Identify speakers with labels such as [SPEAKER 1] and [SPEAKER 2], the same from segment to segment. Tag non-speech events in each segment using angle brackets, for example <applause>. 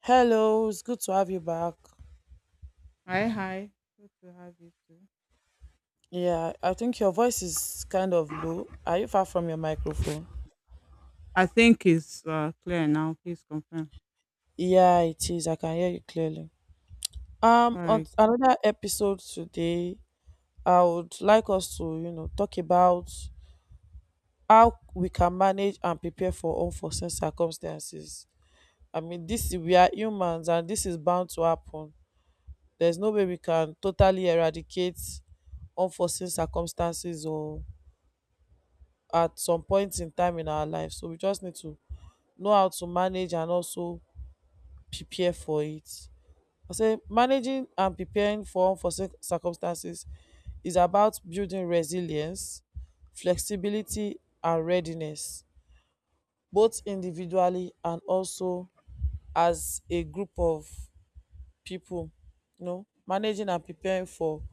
[SPEAKER 1] Hello, it's good to have you back.
[SPEAKER 2] Hi, hi. Good to have you too.
[SPEAKER 1] Yeah, I think your voice is kind of low. Are you far from your microphone?
[SPEAKER 2] I think it's clear now. Please confirm.
[SPEAKER 1] Yeah, it is. I can hear you clearly. Um,
[SPEAKER 2] All
[SPEAKER 1] on
[SPEAKER 2] right.
[SPEAKER 1] another episode today, I would like us to, you know, talk about how we can manage and prepare for unforeseen circumstances. I mean, this we are humans, and this is bound to happen. There's no way we can totally eradicate unforeseen circumstances or at some point in time in our life. So we just need to know how to manage and also prepare for it. I say managing and preparing for unforeseen circumstances is about building resilience, flexibility and readiness both individually and also as a group of people. You know, managing and preparing for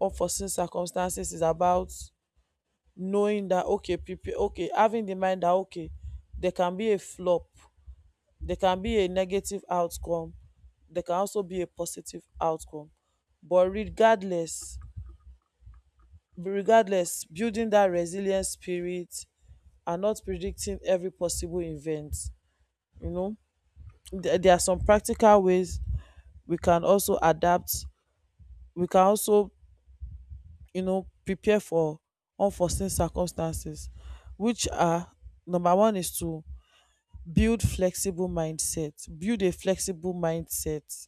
[SPEAKER 1] unforeseen circumstances is about knowing that okay prepare okay having the mind that okay there can be a flop, there can be a negative outcome, there can also be a positive outcome, but regardless, regardless, building that resilient spirit and not predicting every possible event. You know, there are some practical ways we can also adapt, we can also, you know, prepare for unforeseen circumstances, which are: number one is to build a flexible mindset,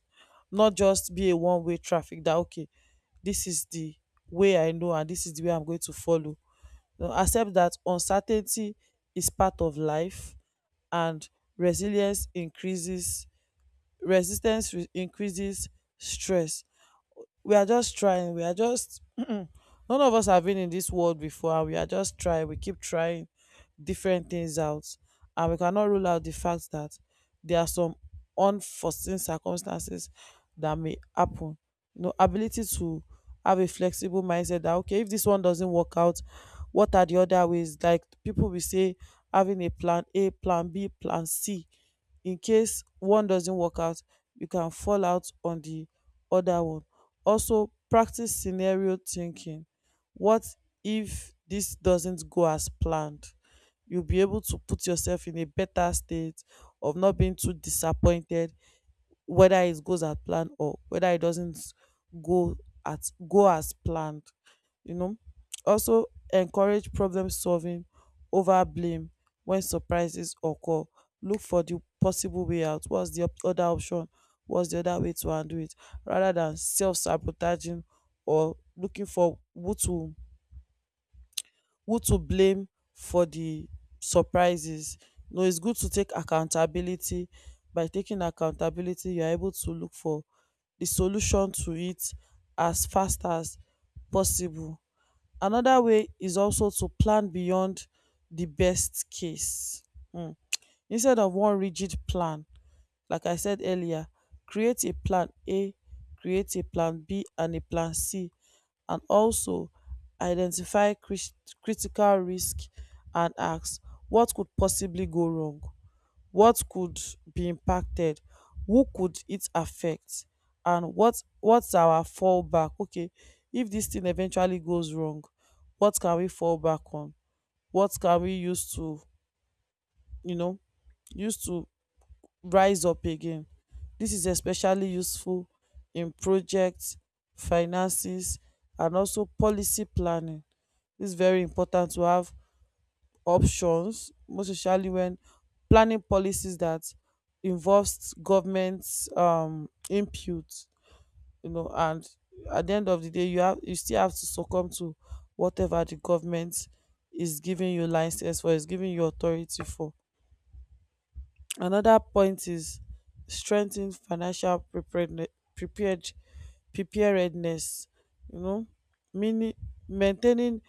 [SPEAKER 1] not just be a one way traffic that okay, this is the way I know and this is the way I'm going to follow. No, accept that uncertainty is part of life, and resilience increases resistance increases stress. We are just trying we are just None of us have been in this world before, we are just trying, we keep trying different things out, and we cannot rule out the fact that there are some unforeseen circumstances that may happen. You know, ability to have a flexible mindset that okay, if this one doesn't work out, what are the other ways? Like people will say, having a plan A, plan B, plan C, in case one doesn't work out you can fall out on the other one. Also practice scenario thinking: what if this doesn't go as planned? You'll be able to put yourself in a better state of not being too disappointed whether it goes as planned or whether it doesn't go at go as planned. You know, also encourage problem solving over blame when surprises occur. Look for the possible way out. What's the other option? What's the other way to undo it? Rather than self sabotaging or looking for who to blame for the surprises. No, it's good to take accountability. By taking accountability, you're able to look for the solution to it as fast as possible. Another way is also to plan beyond the best case. Mm. Instead of one rigid plan, like I said earlier, create a plan A, create a plan B, and a plan C, and also identify critical risk and ask what could possibly go wrong, what could be impacted, who could it affect, and what's our fallback? Okay, if this thing eventually goes wrong, what can we fall back on? What can we use to, you know, use to rise up again. This is especially useful in projects, finances, and also policy planning. It's very important to have options, most especially when planning policies that involves government input, you know, and at the end of the day, you still have to succumb to whatever the government is giving you license for, is giving you authority for. Another point is strengthen financial preparedne- prepared preparedness, you know, meaning maintaining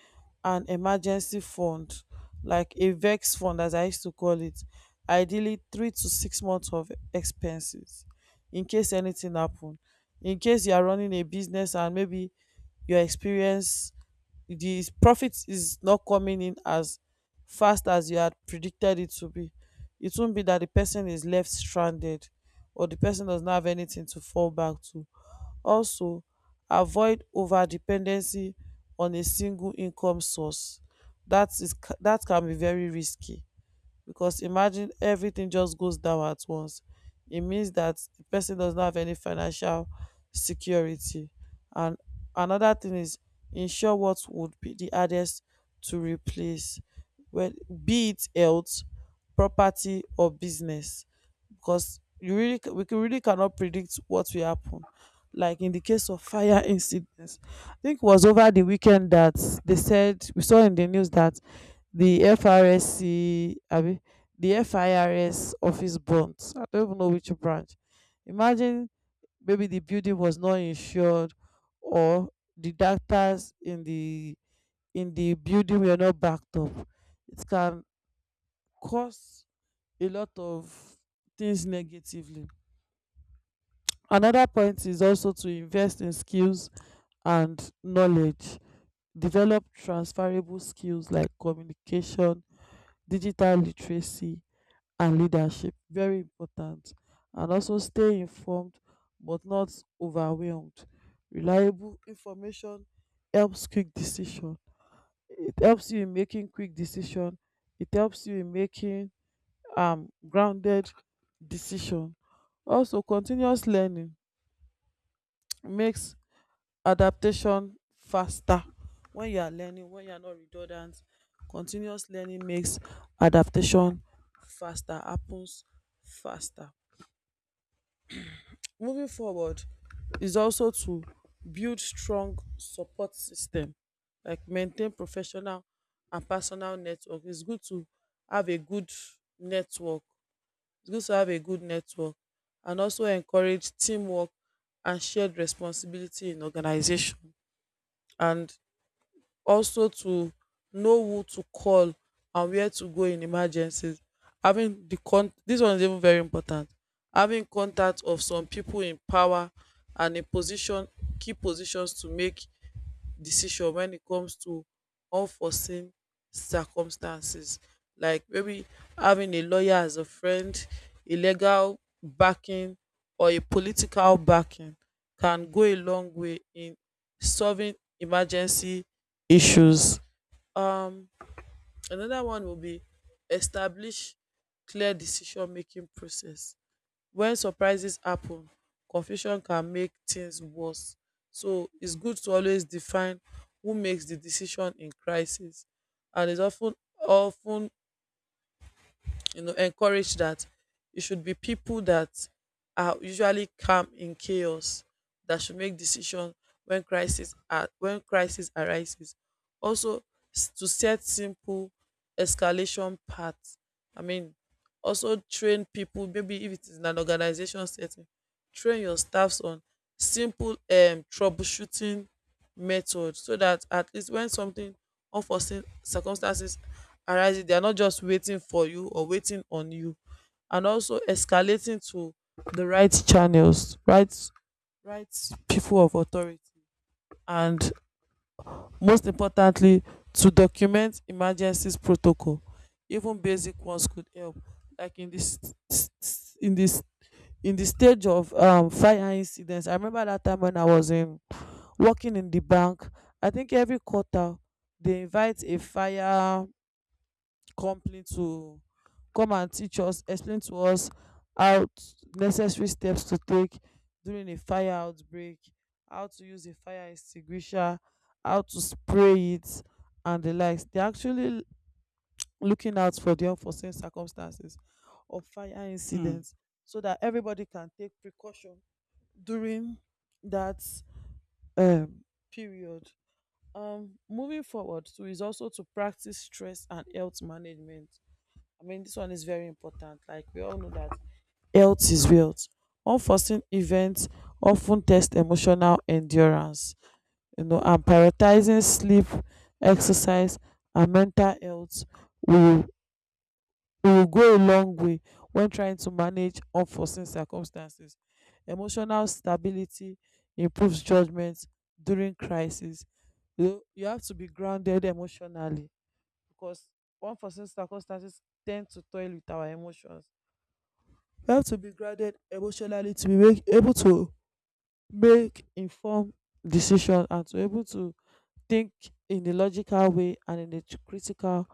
[SPEAKER 1] an emergency fund like a vex fund as I used to call it, ideally 3 to 6 months of expenses in case anything happen. In case you are running a business and maybe your experience the profit is not coming in as fast as you had predicted it to be. It won't be that the person is left stranded or the person does not have anything to fall back to. Also, avoid over dependency on a single income source. That is that can be very risky because imagine everything just goes down at once. It means that the person does not have any financial security. And another thing is ensure what would be the hardest to replace, well, be it health, property, or business, because you really really cannot predict what will happen, like in the case of fire incidents. I think it was over the weekend that they said, we saw in the news that the FRSC, abi, the FIRS office burnt. I don't even know which branch. Imagine maybe the building was not insured, or the doctors in the building were not backed up. It can cause a lot of things negatively. Another point is also to invest in skills and knowledge. Develop transferable skills like communication, digital literacy, and leadership. Very important. And also stay informed but not overwhelmed. Reliable information helps quick decision. It helps you in making quick decision. It helps you in making grounded decision. Also continuous learning <tsk> makes adaptation faster. When you are learning, when you are not redundant, continuous learning makes adaptation faster happens faster. Moving forward is also to build strong support system, like maintain professional and personal network. Have a good network it's good to have a good network, and also encourage teamwork and shared responsibility in organization, and also to know who to call and where to go in emergencies. Having the con This one is even very important. Having contact of some people in power and in position, key positions to make decision when it comes to unforeseen circumstances, like maybe having a lawyer as a friend, a legal backing or a political backing can go a long way in solving emergency issues. Um, another one will be establish clear decision making process. When surprises happen confusion can make things worse, so it's good to always define who makes the decision in crisis, and it's often, you know, encourage that it should be people that are usually calm in chaos that should make decisions when crisis are when crisis arises. Also to set simple escalation paths, I mean also train people maybe if it is in an organization setting, train your staffs on simple troubleshooting method, so that at least when something unforeseen circumstances arises, they are not just waiting for you or waiting on you. And also escalating to the right channels, right people of authority. And most importantly, to document emergencies protocol. Even basic ones could help. Like in this in the stage of fire incidents. I remember that time when I was in working in the bank, I think every quarter they invite a fire company to come and teach us, explain to us how t- necessary steps to take during a fire outbreak, how to use a fire extinguisher, how to spray it and the likes. They're actually looking out for the unforeseen circumstances of fire
[SPEAKER 2] Hmm.
[SPEAKER 1] incidents so that everybody can take precaution during that um, period. Moving forward too is also to practice stress and health management. I mean, this one is very important. Like we all know that health is wealth. Unforeseen events often test emotional endurance. You know, and prioritizing sleep, exercise, and mental health will, it will go a long way when trying to manage unforeseen circumstances. Emotional stability improves judgment during crisis. You have to be grounded emotionally because unforeseen circumstances tend to toil with our emotions. You have to be grounded emotionally to able to make informed decision and to able to think in a logical way and in a critical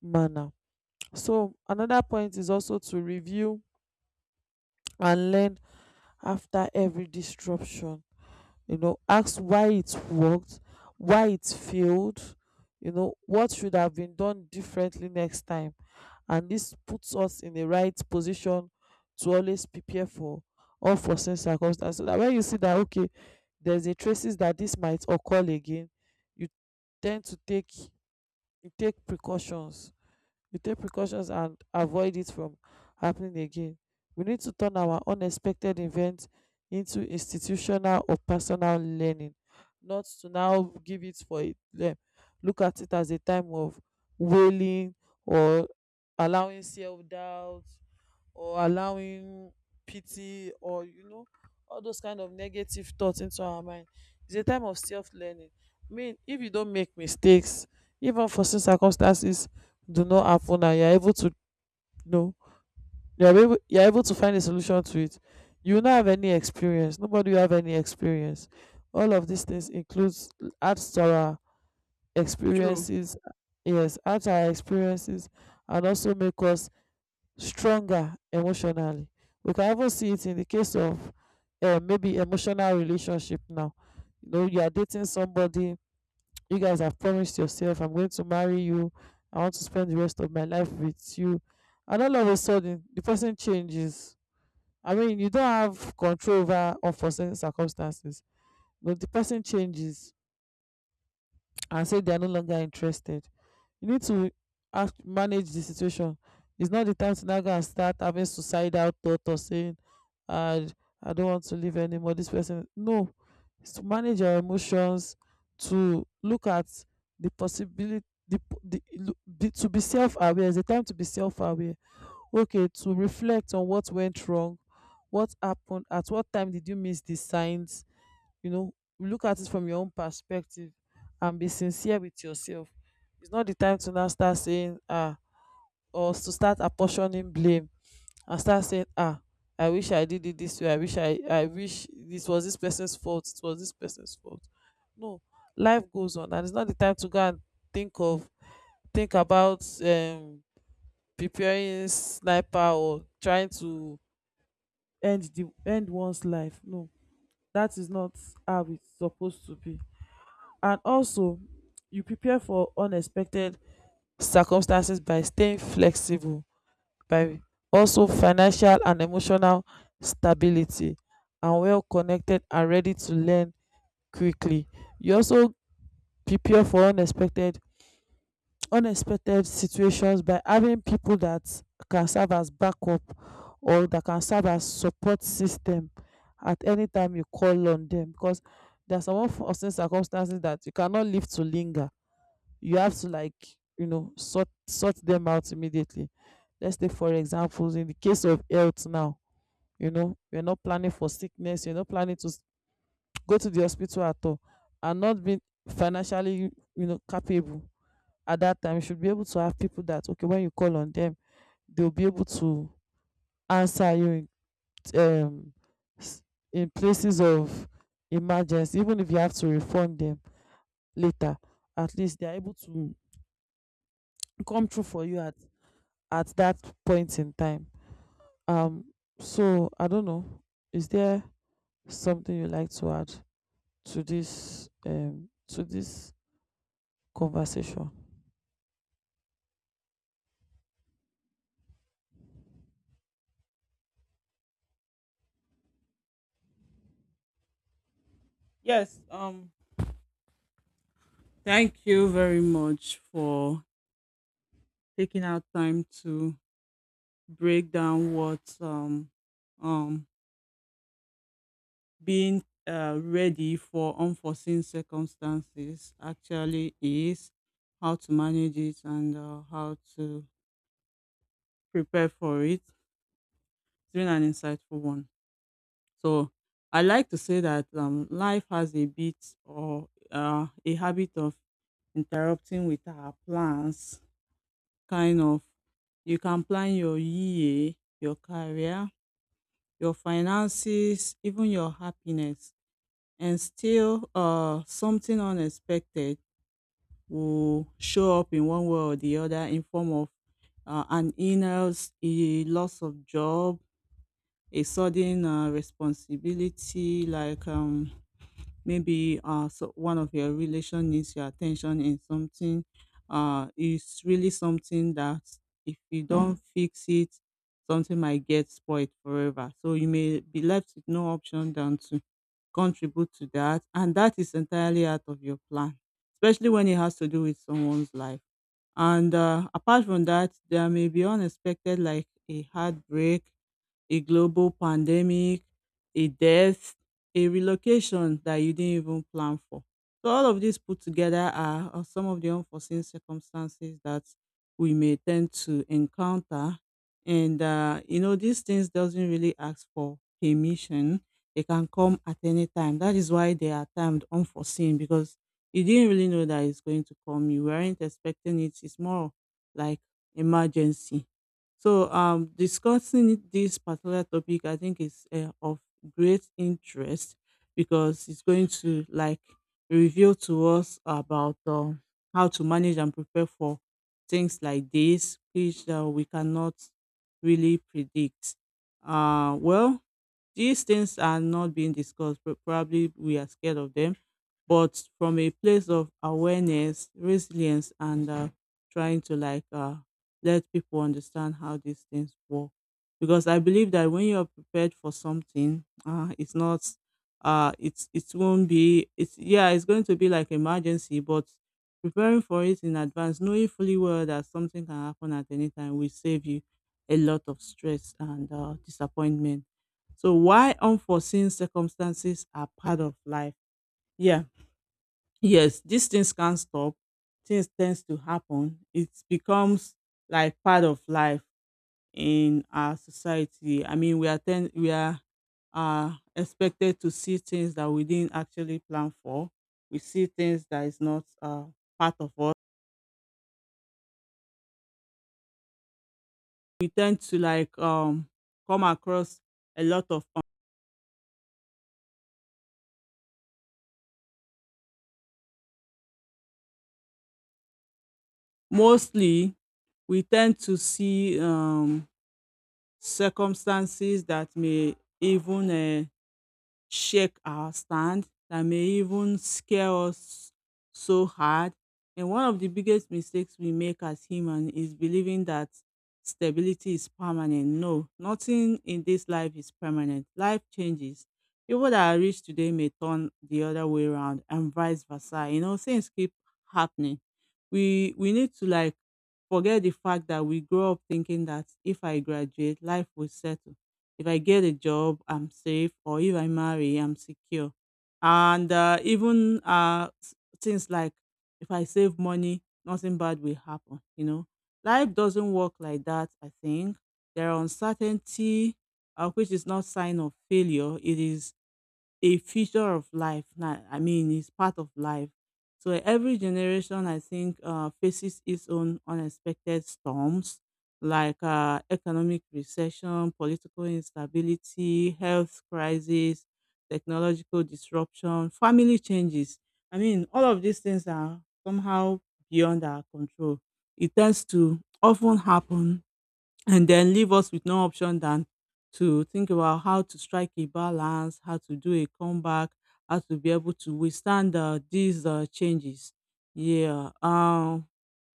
[SPEAKER 1] manner. So another point is also to review and learn after every disruption. You know, ask why it worked, why it failed, you know, what should have been done differently next time. And this puts us in the right position to always prepare for unforeseen circumstances, so that when you see that okay there's a traces that this might occur again, you tend to take you take precautions, we take precautions and avoid it from happening again. We need to turn our unexpected events into institutional or personal learning, not to now give it for it. Look at it as a time of wailing or allowing self doubt or allowing pity, or you know, all those kind of negative thoughts into our mind. It's a time of self-learning. I mean, if you don't make mistakes, if unforeseen circumstances do not happen and you know, you're able to find a solution to it, you will not have any experience nobody will have any experience. All of these things includes adds to our
[SPEAKER 2] True.
[SPEAKER 1] experiences. Yes, adds to our experiences, and also make us stronger emotionally. We can even see it in the case of maybe emotional relationship now. You know, you are dating somebody, you guys have promised yourself, I'm going to marry you, I want to spend the rest of my life with you. And all of a sudden, the person changes. I mean, you don't have control over unforeseen circumstances, but the person changes and say they are no longer interested. You need to act, manage the situation. It's not the time to now go and start having suicidal thought or saying, I, I don't want to live anymore. This person. No. It's to manage your emotions, to look at the possibility. The, po- the, look- be, To be self-aware. It's a time to be self-aware, okay, to reflect on what went wrong, what happened, at what time did you miss the signs, you know, look at it from your own perspective and be sincere with yourself. It's not the time to now start saying ah, or to start apportioning blame and start saying ah, I wish I did it this way, I wish I wish this was this person's fault, it was this person's fault. No, life goes on, and it's not the time to go and think of, think about, preparing sniper or trying to end the end one's life. No, that is not how it's supposed to be. And also, you prepare for unexpected circumstances by staying flexible, by also financial and emotional stability, and well connected and ready to learn quickly. You also prepare for unexpected situations by having people that can serve as backup or that can serve as support system at any time you call on them, because there are some unforeseen circumstances that you cannot leave to linger. You have to, like, you know, sort them out immediately. Let's take for examples in the case of health now. You know, you're not planning for sickness, you're not planning to go to the hospital at all, and not being financially, you know, capable at that time. You should be able to have people that, okay, when you call on them, they'll be able to answer you in, s- in places of emergency. Even if you have to refund them later, at least they're able to come through for you at that point in time. Um, so I don't know. Is there something you like to add to this conversation?
[SPEAKER 2] Yes. Thank you very much for taking out time to break down what um being ready for unforeseen circumstances actually is, how to manage it, and how to prepare for it. It's been an insightful one. So I like to say that life has a bit or a habit of interrupting with our plans. Kind of, you can plan your year, your career, your finances, even your happiness, and still something unexpected will show up in one way or the other in form of an illness, a loss of job, a sudden responsibility like maybe so one of your relation needs your attention in something is really something that if you don't fix it, something might get spoiled forever, so you may be left with no option than to contribute to that, and that is entirely out of your plan, especially when it has to do with someone's life. And apart from that, there may be unexpected like a heartbreak, a global pandemic, a death, a relocation that you didn't even plan for. So all of these put together are some of the unforeseen circumstances that we may tend to encounter. And you know, these things doesn't really ask for permission. They can come at any time. That is why they are termed unforeseen, because you didn't really know that it's going to come. You weren't expecting it. It's more like emergency. So, discussing this particular topic, I think is of great interest, because it's going to like reveal to us about how to manage and prepare for things like this, which we cannot really predict. Well, these things are not being discussed, but probably we are scared of them. But from a place of awareness, resilience, and trying to like let people understand how these things work. Because I believe that when you are prepared for something, it's not, it's it won't be. It's yeah, it's going to be like emergency, but preparing for it in advance, knowing fully well that something can happen at any time, will save you a lot of stress and disappointment. So why unforeseen circumstances are part of life. Yeah, yes, these things can't stop. Things tends to happen. It becomes like part of life in our society. I mean, we are expected to see things that we didn't actually plan for. We see things that is not part of us. We tend to like come across a lot of mostly we tend to see circumstances that may even, shake our stand, that may even scare us so hard. And one of the biggest mistakes we make as human is believing that stability is permanent. No, nothing in this life is permanent. Life changes. People that are rich today may turn the other way around, and vice versa. You know, things keep happening. We need to like forget the fact that we grow up thinking that if I graduate, life will settle, if I get a job, I'm safe, or if I marry, I'm secure. And even things like if I save money, nothing bad will happen. You know, life doesn't work like that. I think there are uncertainty, which is not sign of failure. It is a feature of life. Now, I mean, it's part of life. So every generation, I think, faces its own unexpected storms, like economic recession, political instability, health crisis, technological disruption, family changes. I mean, all of these things are somehow beyond our control. It tends to often happen and then leave us with no option than to think about how to strike a balance, how to do a comeback, how to be able to withstand these changes. Yeah.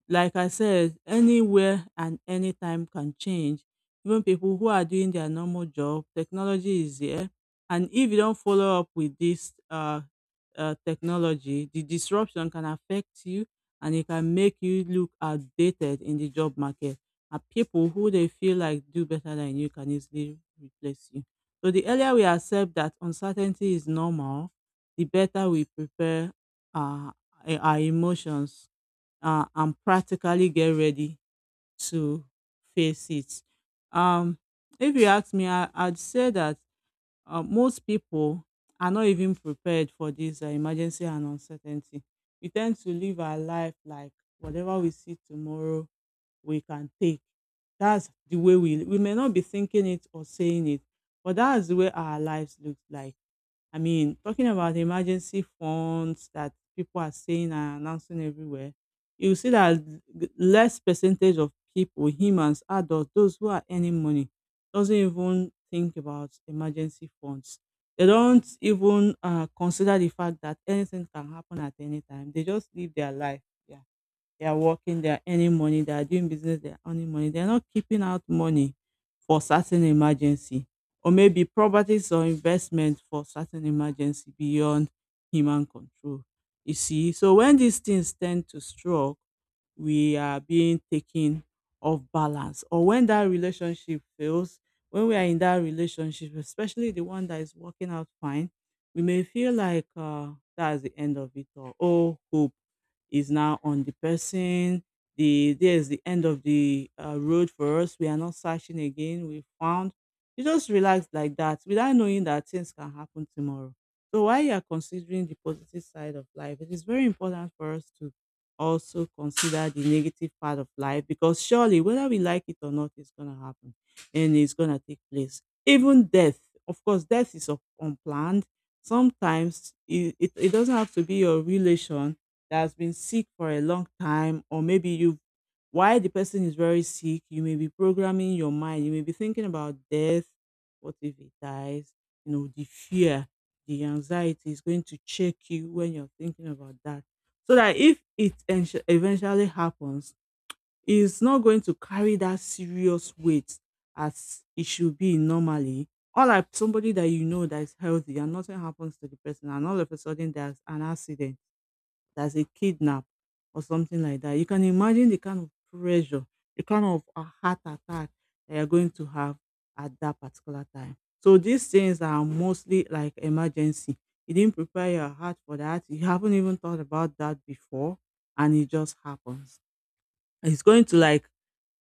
[SPEAKER 2] Like I said, anywhere and anytime can change. Even people who are doing their normal job, technology is there. And if you don't follow up with this technology, the disruption can affect you, and it can make you look outdated in the job market. And people who they feel like do better than you can easily replace you. So the earlier we accept that uncertainty is normal, the better we prepare uh, our emotions, and practically get ready to face it. Um, if you ask me, I'd say that most people are not even prepared for this emergency and uncertainty. We tend to live our life like whatever we see tomorrow, we can take. That's the way we may not be thinking it or saying it, but that's the way our lives look like. I mean, talking about emergency funds that people are saying and announcing everywhere, you see that less percentage of people, humans, adults, those who are earning money, doesn't even think about emergency funds. They don't even consider the fact that anything can happen at any time. They just live their life. Yeah. They are working, they are earning money, they are doing business, they are earning money. They are not keeping out money for certain emergency, or maybe properties or investment for certain emergency beyond human control. You see, so when these things tend to stroke, we are being taken off balance. Or when that relationship fails, when we are in that relationship, especially the one that is working out fine, we may feel like that's the end of it all. Oh, hope is now on the person. There is the end of the road for us. We are not searching again. We found. You just relax like that without knowing that things can happen tomorrow. So while you are considering the positive side of life, it is very important for us to also consider the negative part of life, because surely, whether we like it or not, it's going to happen, and it's going to take place, even death. Of course, death is unplanned. Sometimes it doesn't have to be your relation that has been sick for a long time, or maybe you've, while the person is very sick, you may be programming your mind, you may be thinking about death. What if he dies? You know, the fear, the anxiety is going to check you when you're thinking about that, so that if it eventually happens, it's not going to carry that serious weight as it should be normally. Or like somebody that you know that is healthy and nothing happens to the person, and all of a sudden there's an accident, that's a kidnap or something like that. You can imagine the kind of pressure, the kind of a heart attack that you're going to have at that particular time. So these things are mostly like emergency. You didn't prepare your heart for that. You haven't even thought about that before, and it just happens. It's going to like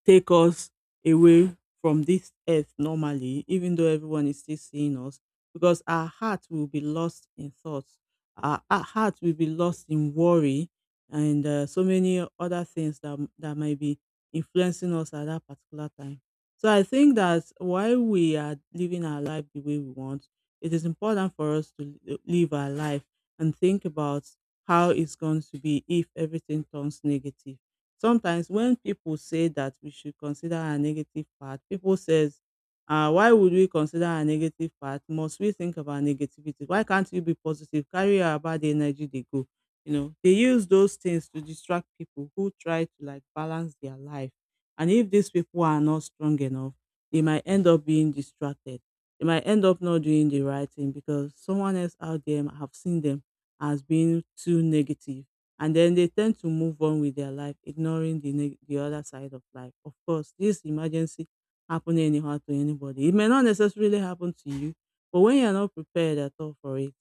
[SPEAKER 2] take us away from this earth normally, even though everyone is still seeing us, because our heart will be lost in thoughts, our heart will be lost in worry, and so many other things that that might be influencing us at that particular time. So I think that while we are living our life the way we want, it is important for us to live our life and think about how it's going to be if everything turns negative. Sometimes when people say that we should consider a negative part, people says, why would we consider a negative part? Must we think about negativity? Why can't you be positive? Carry your bad energy, they go. You know, they use those things to distract people who try to like balance their life. And if these people are not strong enough, they might end up being distracted. They might end up not doing the right thing because someone else out there have seen them as being too negative, and then they tend to move on with their life, ignoring the the other side of life. Of course, this emergency happen anyhow to anybody. It may not necessarily happen to you, but when you're not prepared at all for it,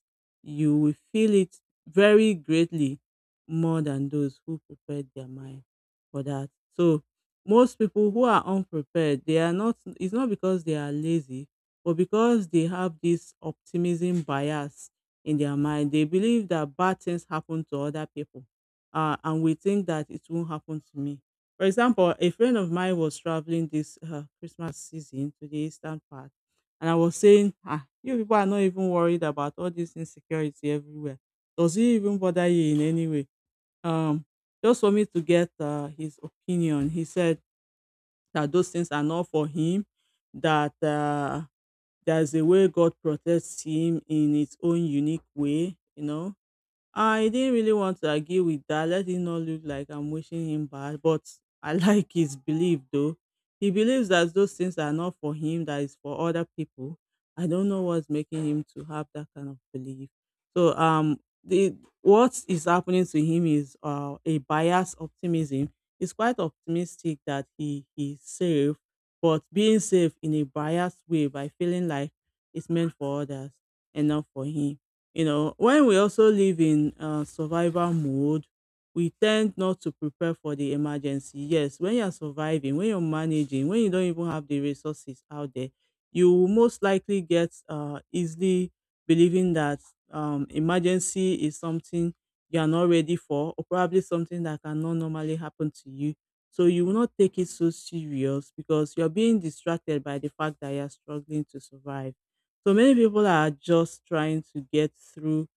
[SPEAKER 2] you will feel it very greatly, more than those who prepared their mind for that. So most people who are unprepared, they are not, it's not because they are lazy, but because they have this optimism bias in their mind. They believe that bad things happen to other people, and we think that it won't happen to me. For example, a friend of mine was traveling this Christmas season to the eastern part, and I was saying, ah, you people are not even worried about all this insecurity everywhere. Does it even bother you in any way? Um, just for me to get his opinion, he said that those things are not for him, that there's a way God protects him in its own unique way. I didn't really want to argue with that. Let it not look like I'm wishing him bad, but I <laughs> like his belief though. He believes that those things are not for him, that is for other people. I don't know what's making him to have that kind of belief. So the what is happening to him is a biased optimism. He's quite optimistic that he's safe, but being safe in a biased way by feeling like it's meant for others and not for him. When we also live in survival mode, we tend not to prepare for the emergency. Yes, when you're surviving, when you're managing, when you don't even have the resources out there, you will most likely get easily believing that emergency is something you are not ready for, or probably something that cannot normally happen to you. So you will not take it so serious because you're being distracted by the fact that you're struggling to survive. So many people are just trying to get through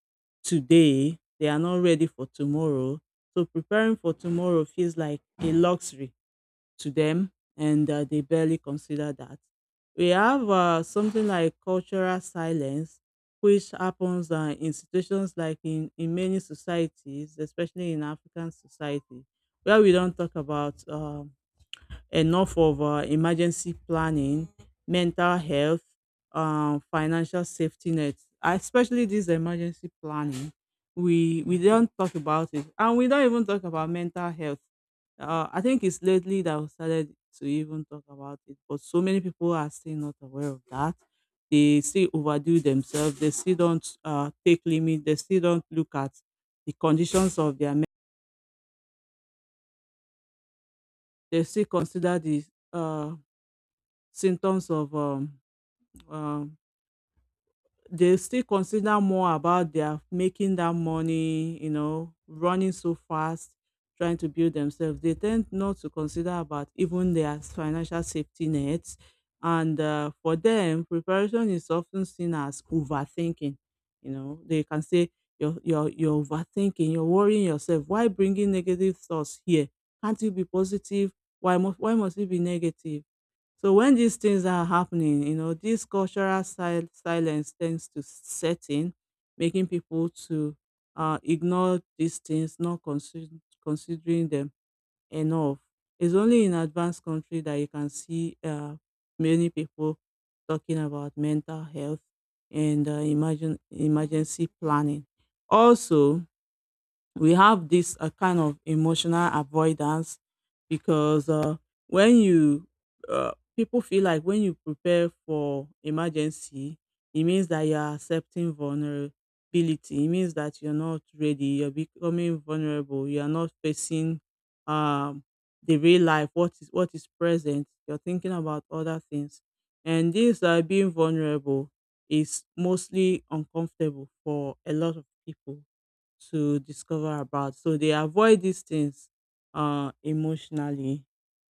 [SPEAKER 2] today. They are not ready for tomorrow. So preparing for tomorrow feels like a luxury to them, and they barely consider that. We have something like cultural silence, which happens in situations like in many societies, especially in African society, where we don't talk about enough of emergency planning, mental health, financial safety nets, especially this emergency planning. We don't talk about it, and we don't even talk about mental health. I think it's lately that we started to even talk about it, but so many people are still not aware of that. They still overdo themselves. They still don't take limit. They still don't look at the conditions of their. They still consider the uh, symptoms of Um, they still consider more about their making that money, running so fast, trying to build themselves. They tend not to consider about even their financial safety nets. And for them, preparation is often seen as overthinking. You know, they can say, you're overthinking, you're worrying yourself. Why bringing negative thoughts here? Can't you be positive? Why must you be negative? So when these things are happening, you know, this cultural silence tends to set in, making people to ignore these things, not consider- considering them enough. It's only in advanced country that you can see many people talking about mental health and imagine emergency planning. Also, we have this kind of emotional avoidance because when you people feel like when you prepare for emergency, it means that you are accepting vulnerability, it means that you're not ready, you're becoming vulnerable, you are not facing um, the real life, what is present, you're thinking about other things. And this being vulnerable is mostly uncomfortable for a lot of people to discover about. So they avoid these things emotionally,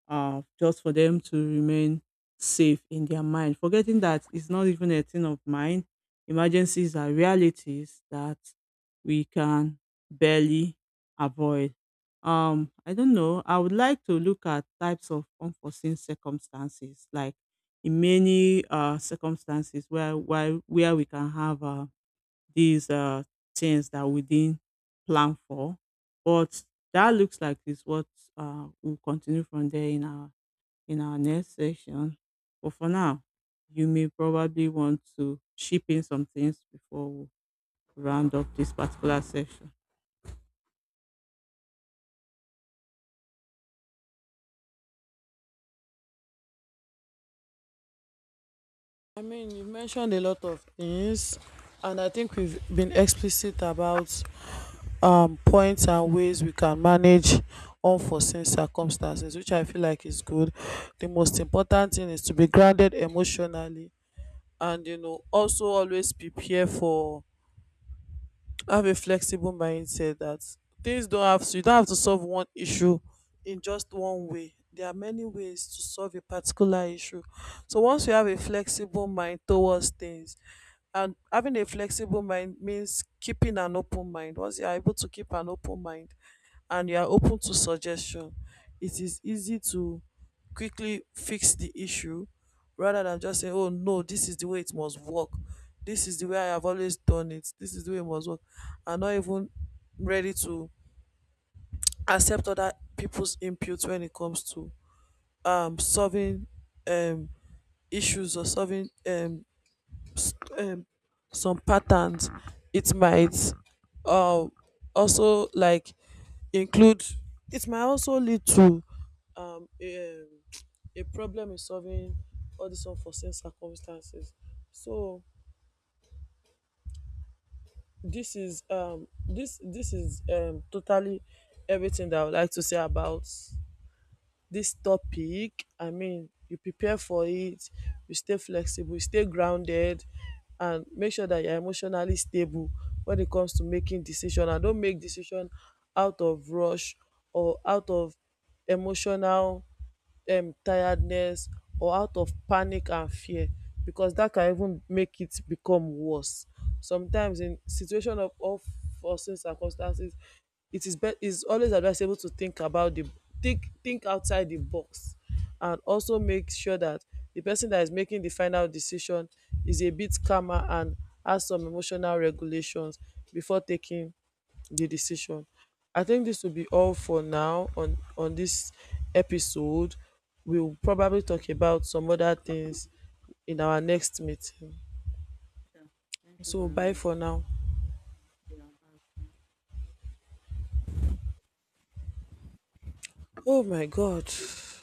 [SPEAKER 2] just for them to remain safe in their mind, forgetting that it's not even a thing of mind. Emergencies are realities that we can barely avoid. I don't know. I would like to look at types of unforeseen circumstances, like in many circumstances where we can have these things that we didn't plan for. But that looks like is what we'll continue from there in our next session. But for now, you may probably want to chip in some things before we round up this particular session.
[SPEAKER 1] I mean, you mentioned a lot of things, and I think we've been explicit about points and ways we can manage unforeseen circumstances, which I feel like is good. The most important thing is to be grounded emotionally, and you know, also always prepare for, have a flexible mindset, that things don't have to, you don't have to solve one issue in just one way. There are many ways to solve a particular issue. So once you have a flexible mind towards things, and having a flexible mind means keeping an open mind, once you are able to keep an open mind and you are open to suggestion, it is easy to quickly fix the issue, rather than just saying, oh no, this is the way it must work. This is the way I have always done it. This is the way it must work. I not even ready to accept other people's input when it comes to solving um, issues or solving s- um, some patterns. It might um, also like include, it might also lead to um, a, um, a problem in solving all these unforeseen circumstances. So this is totally everything that I would like to say about this topic. I mean, you prepare for it, you stay flexible, you stay grounded, and make sure that you're emotionally stable when it comes to making decision. And don't make decision out of rush, or out of emotional tiredness, or out of panic and fear, because that can even make it become worse. Sometimes in situation of unforeseen circumstances, it is bet is always advisable to think about the, think outside the box, and also make sure that the person that is making the final decision is a bit calmer and has some emotional regulations before taking the decision. I think this will be all for now on this episode. We'll probably talk about some other things in our next meeting.
[SPEAKER 2] Thank you
[SPEAKER 1] So
[SPEAKER 2] very
[SPEAKER 1] bye
[SPEAKER 2] much.
[SPEAKER 1] for now.
[SPEAKER 2] Yeah.
[SPEAKER 1] Oh my god.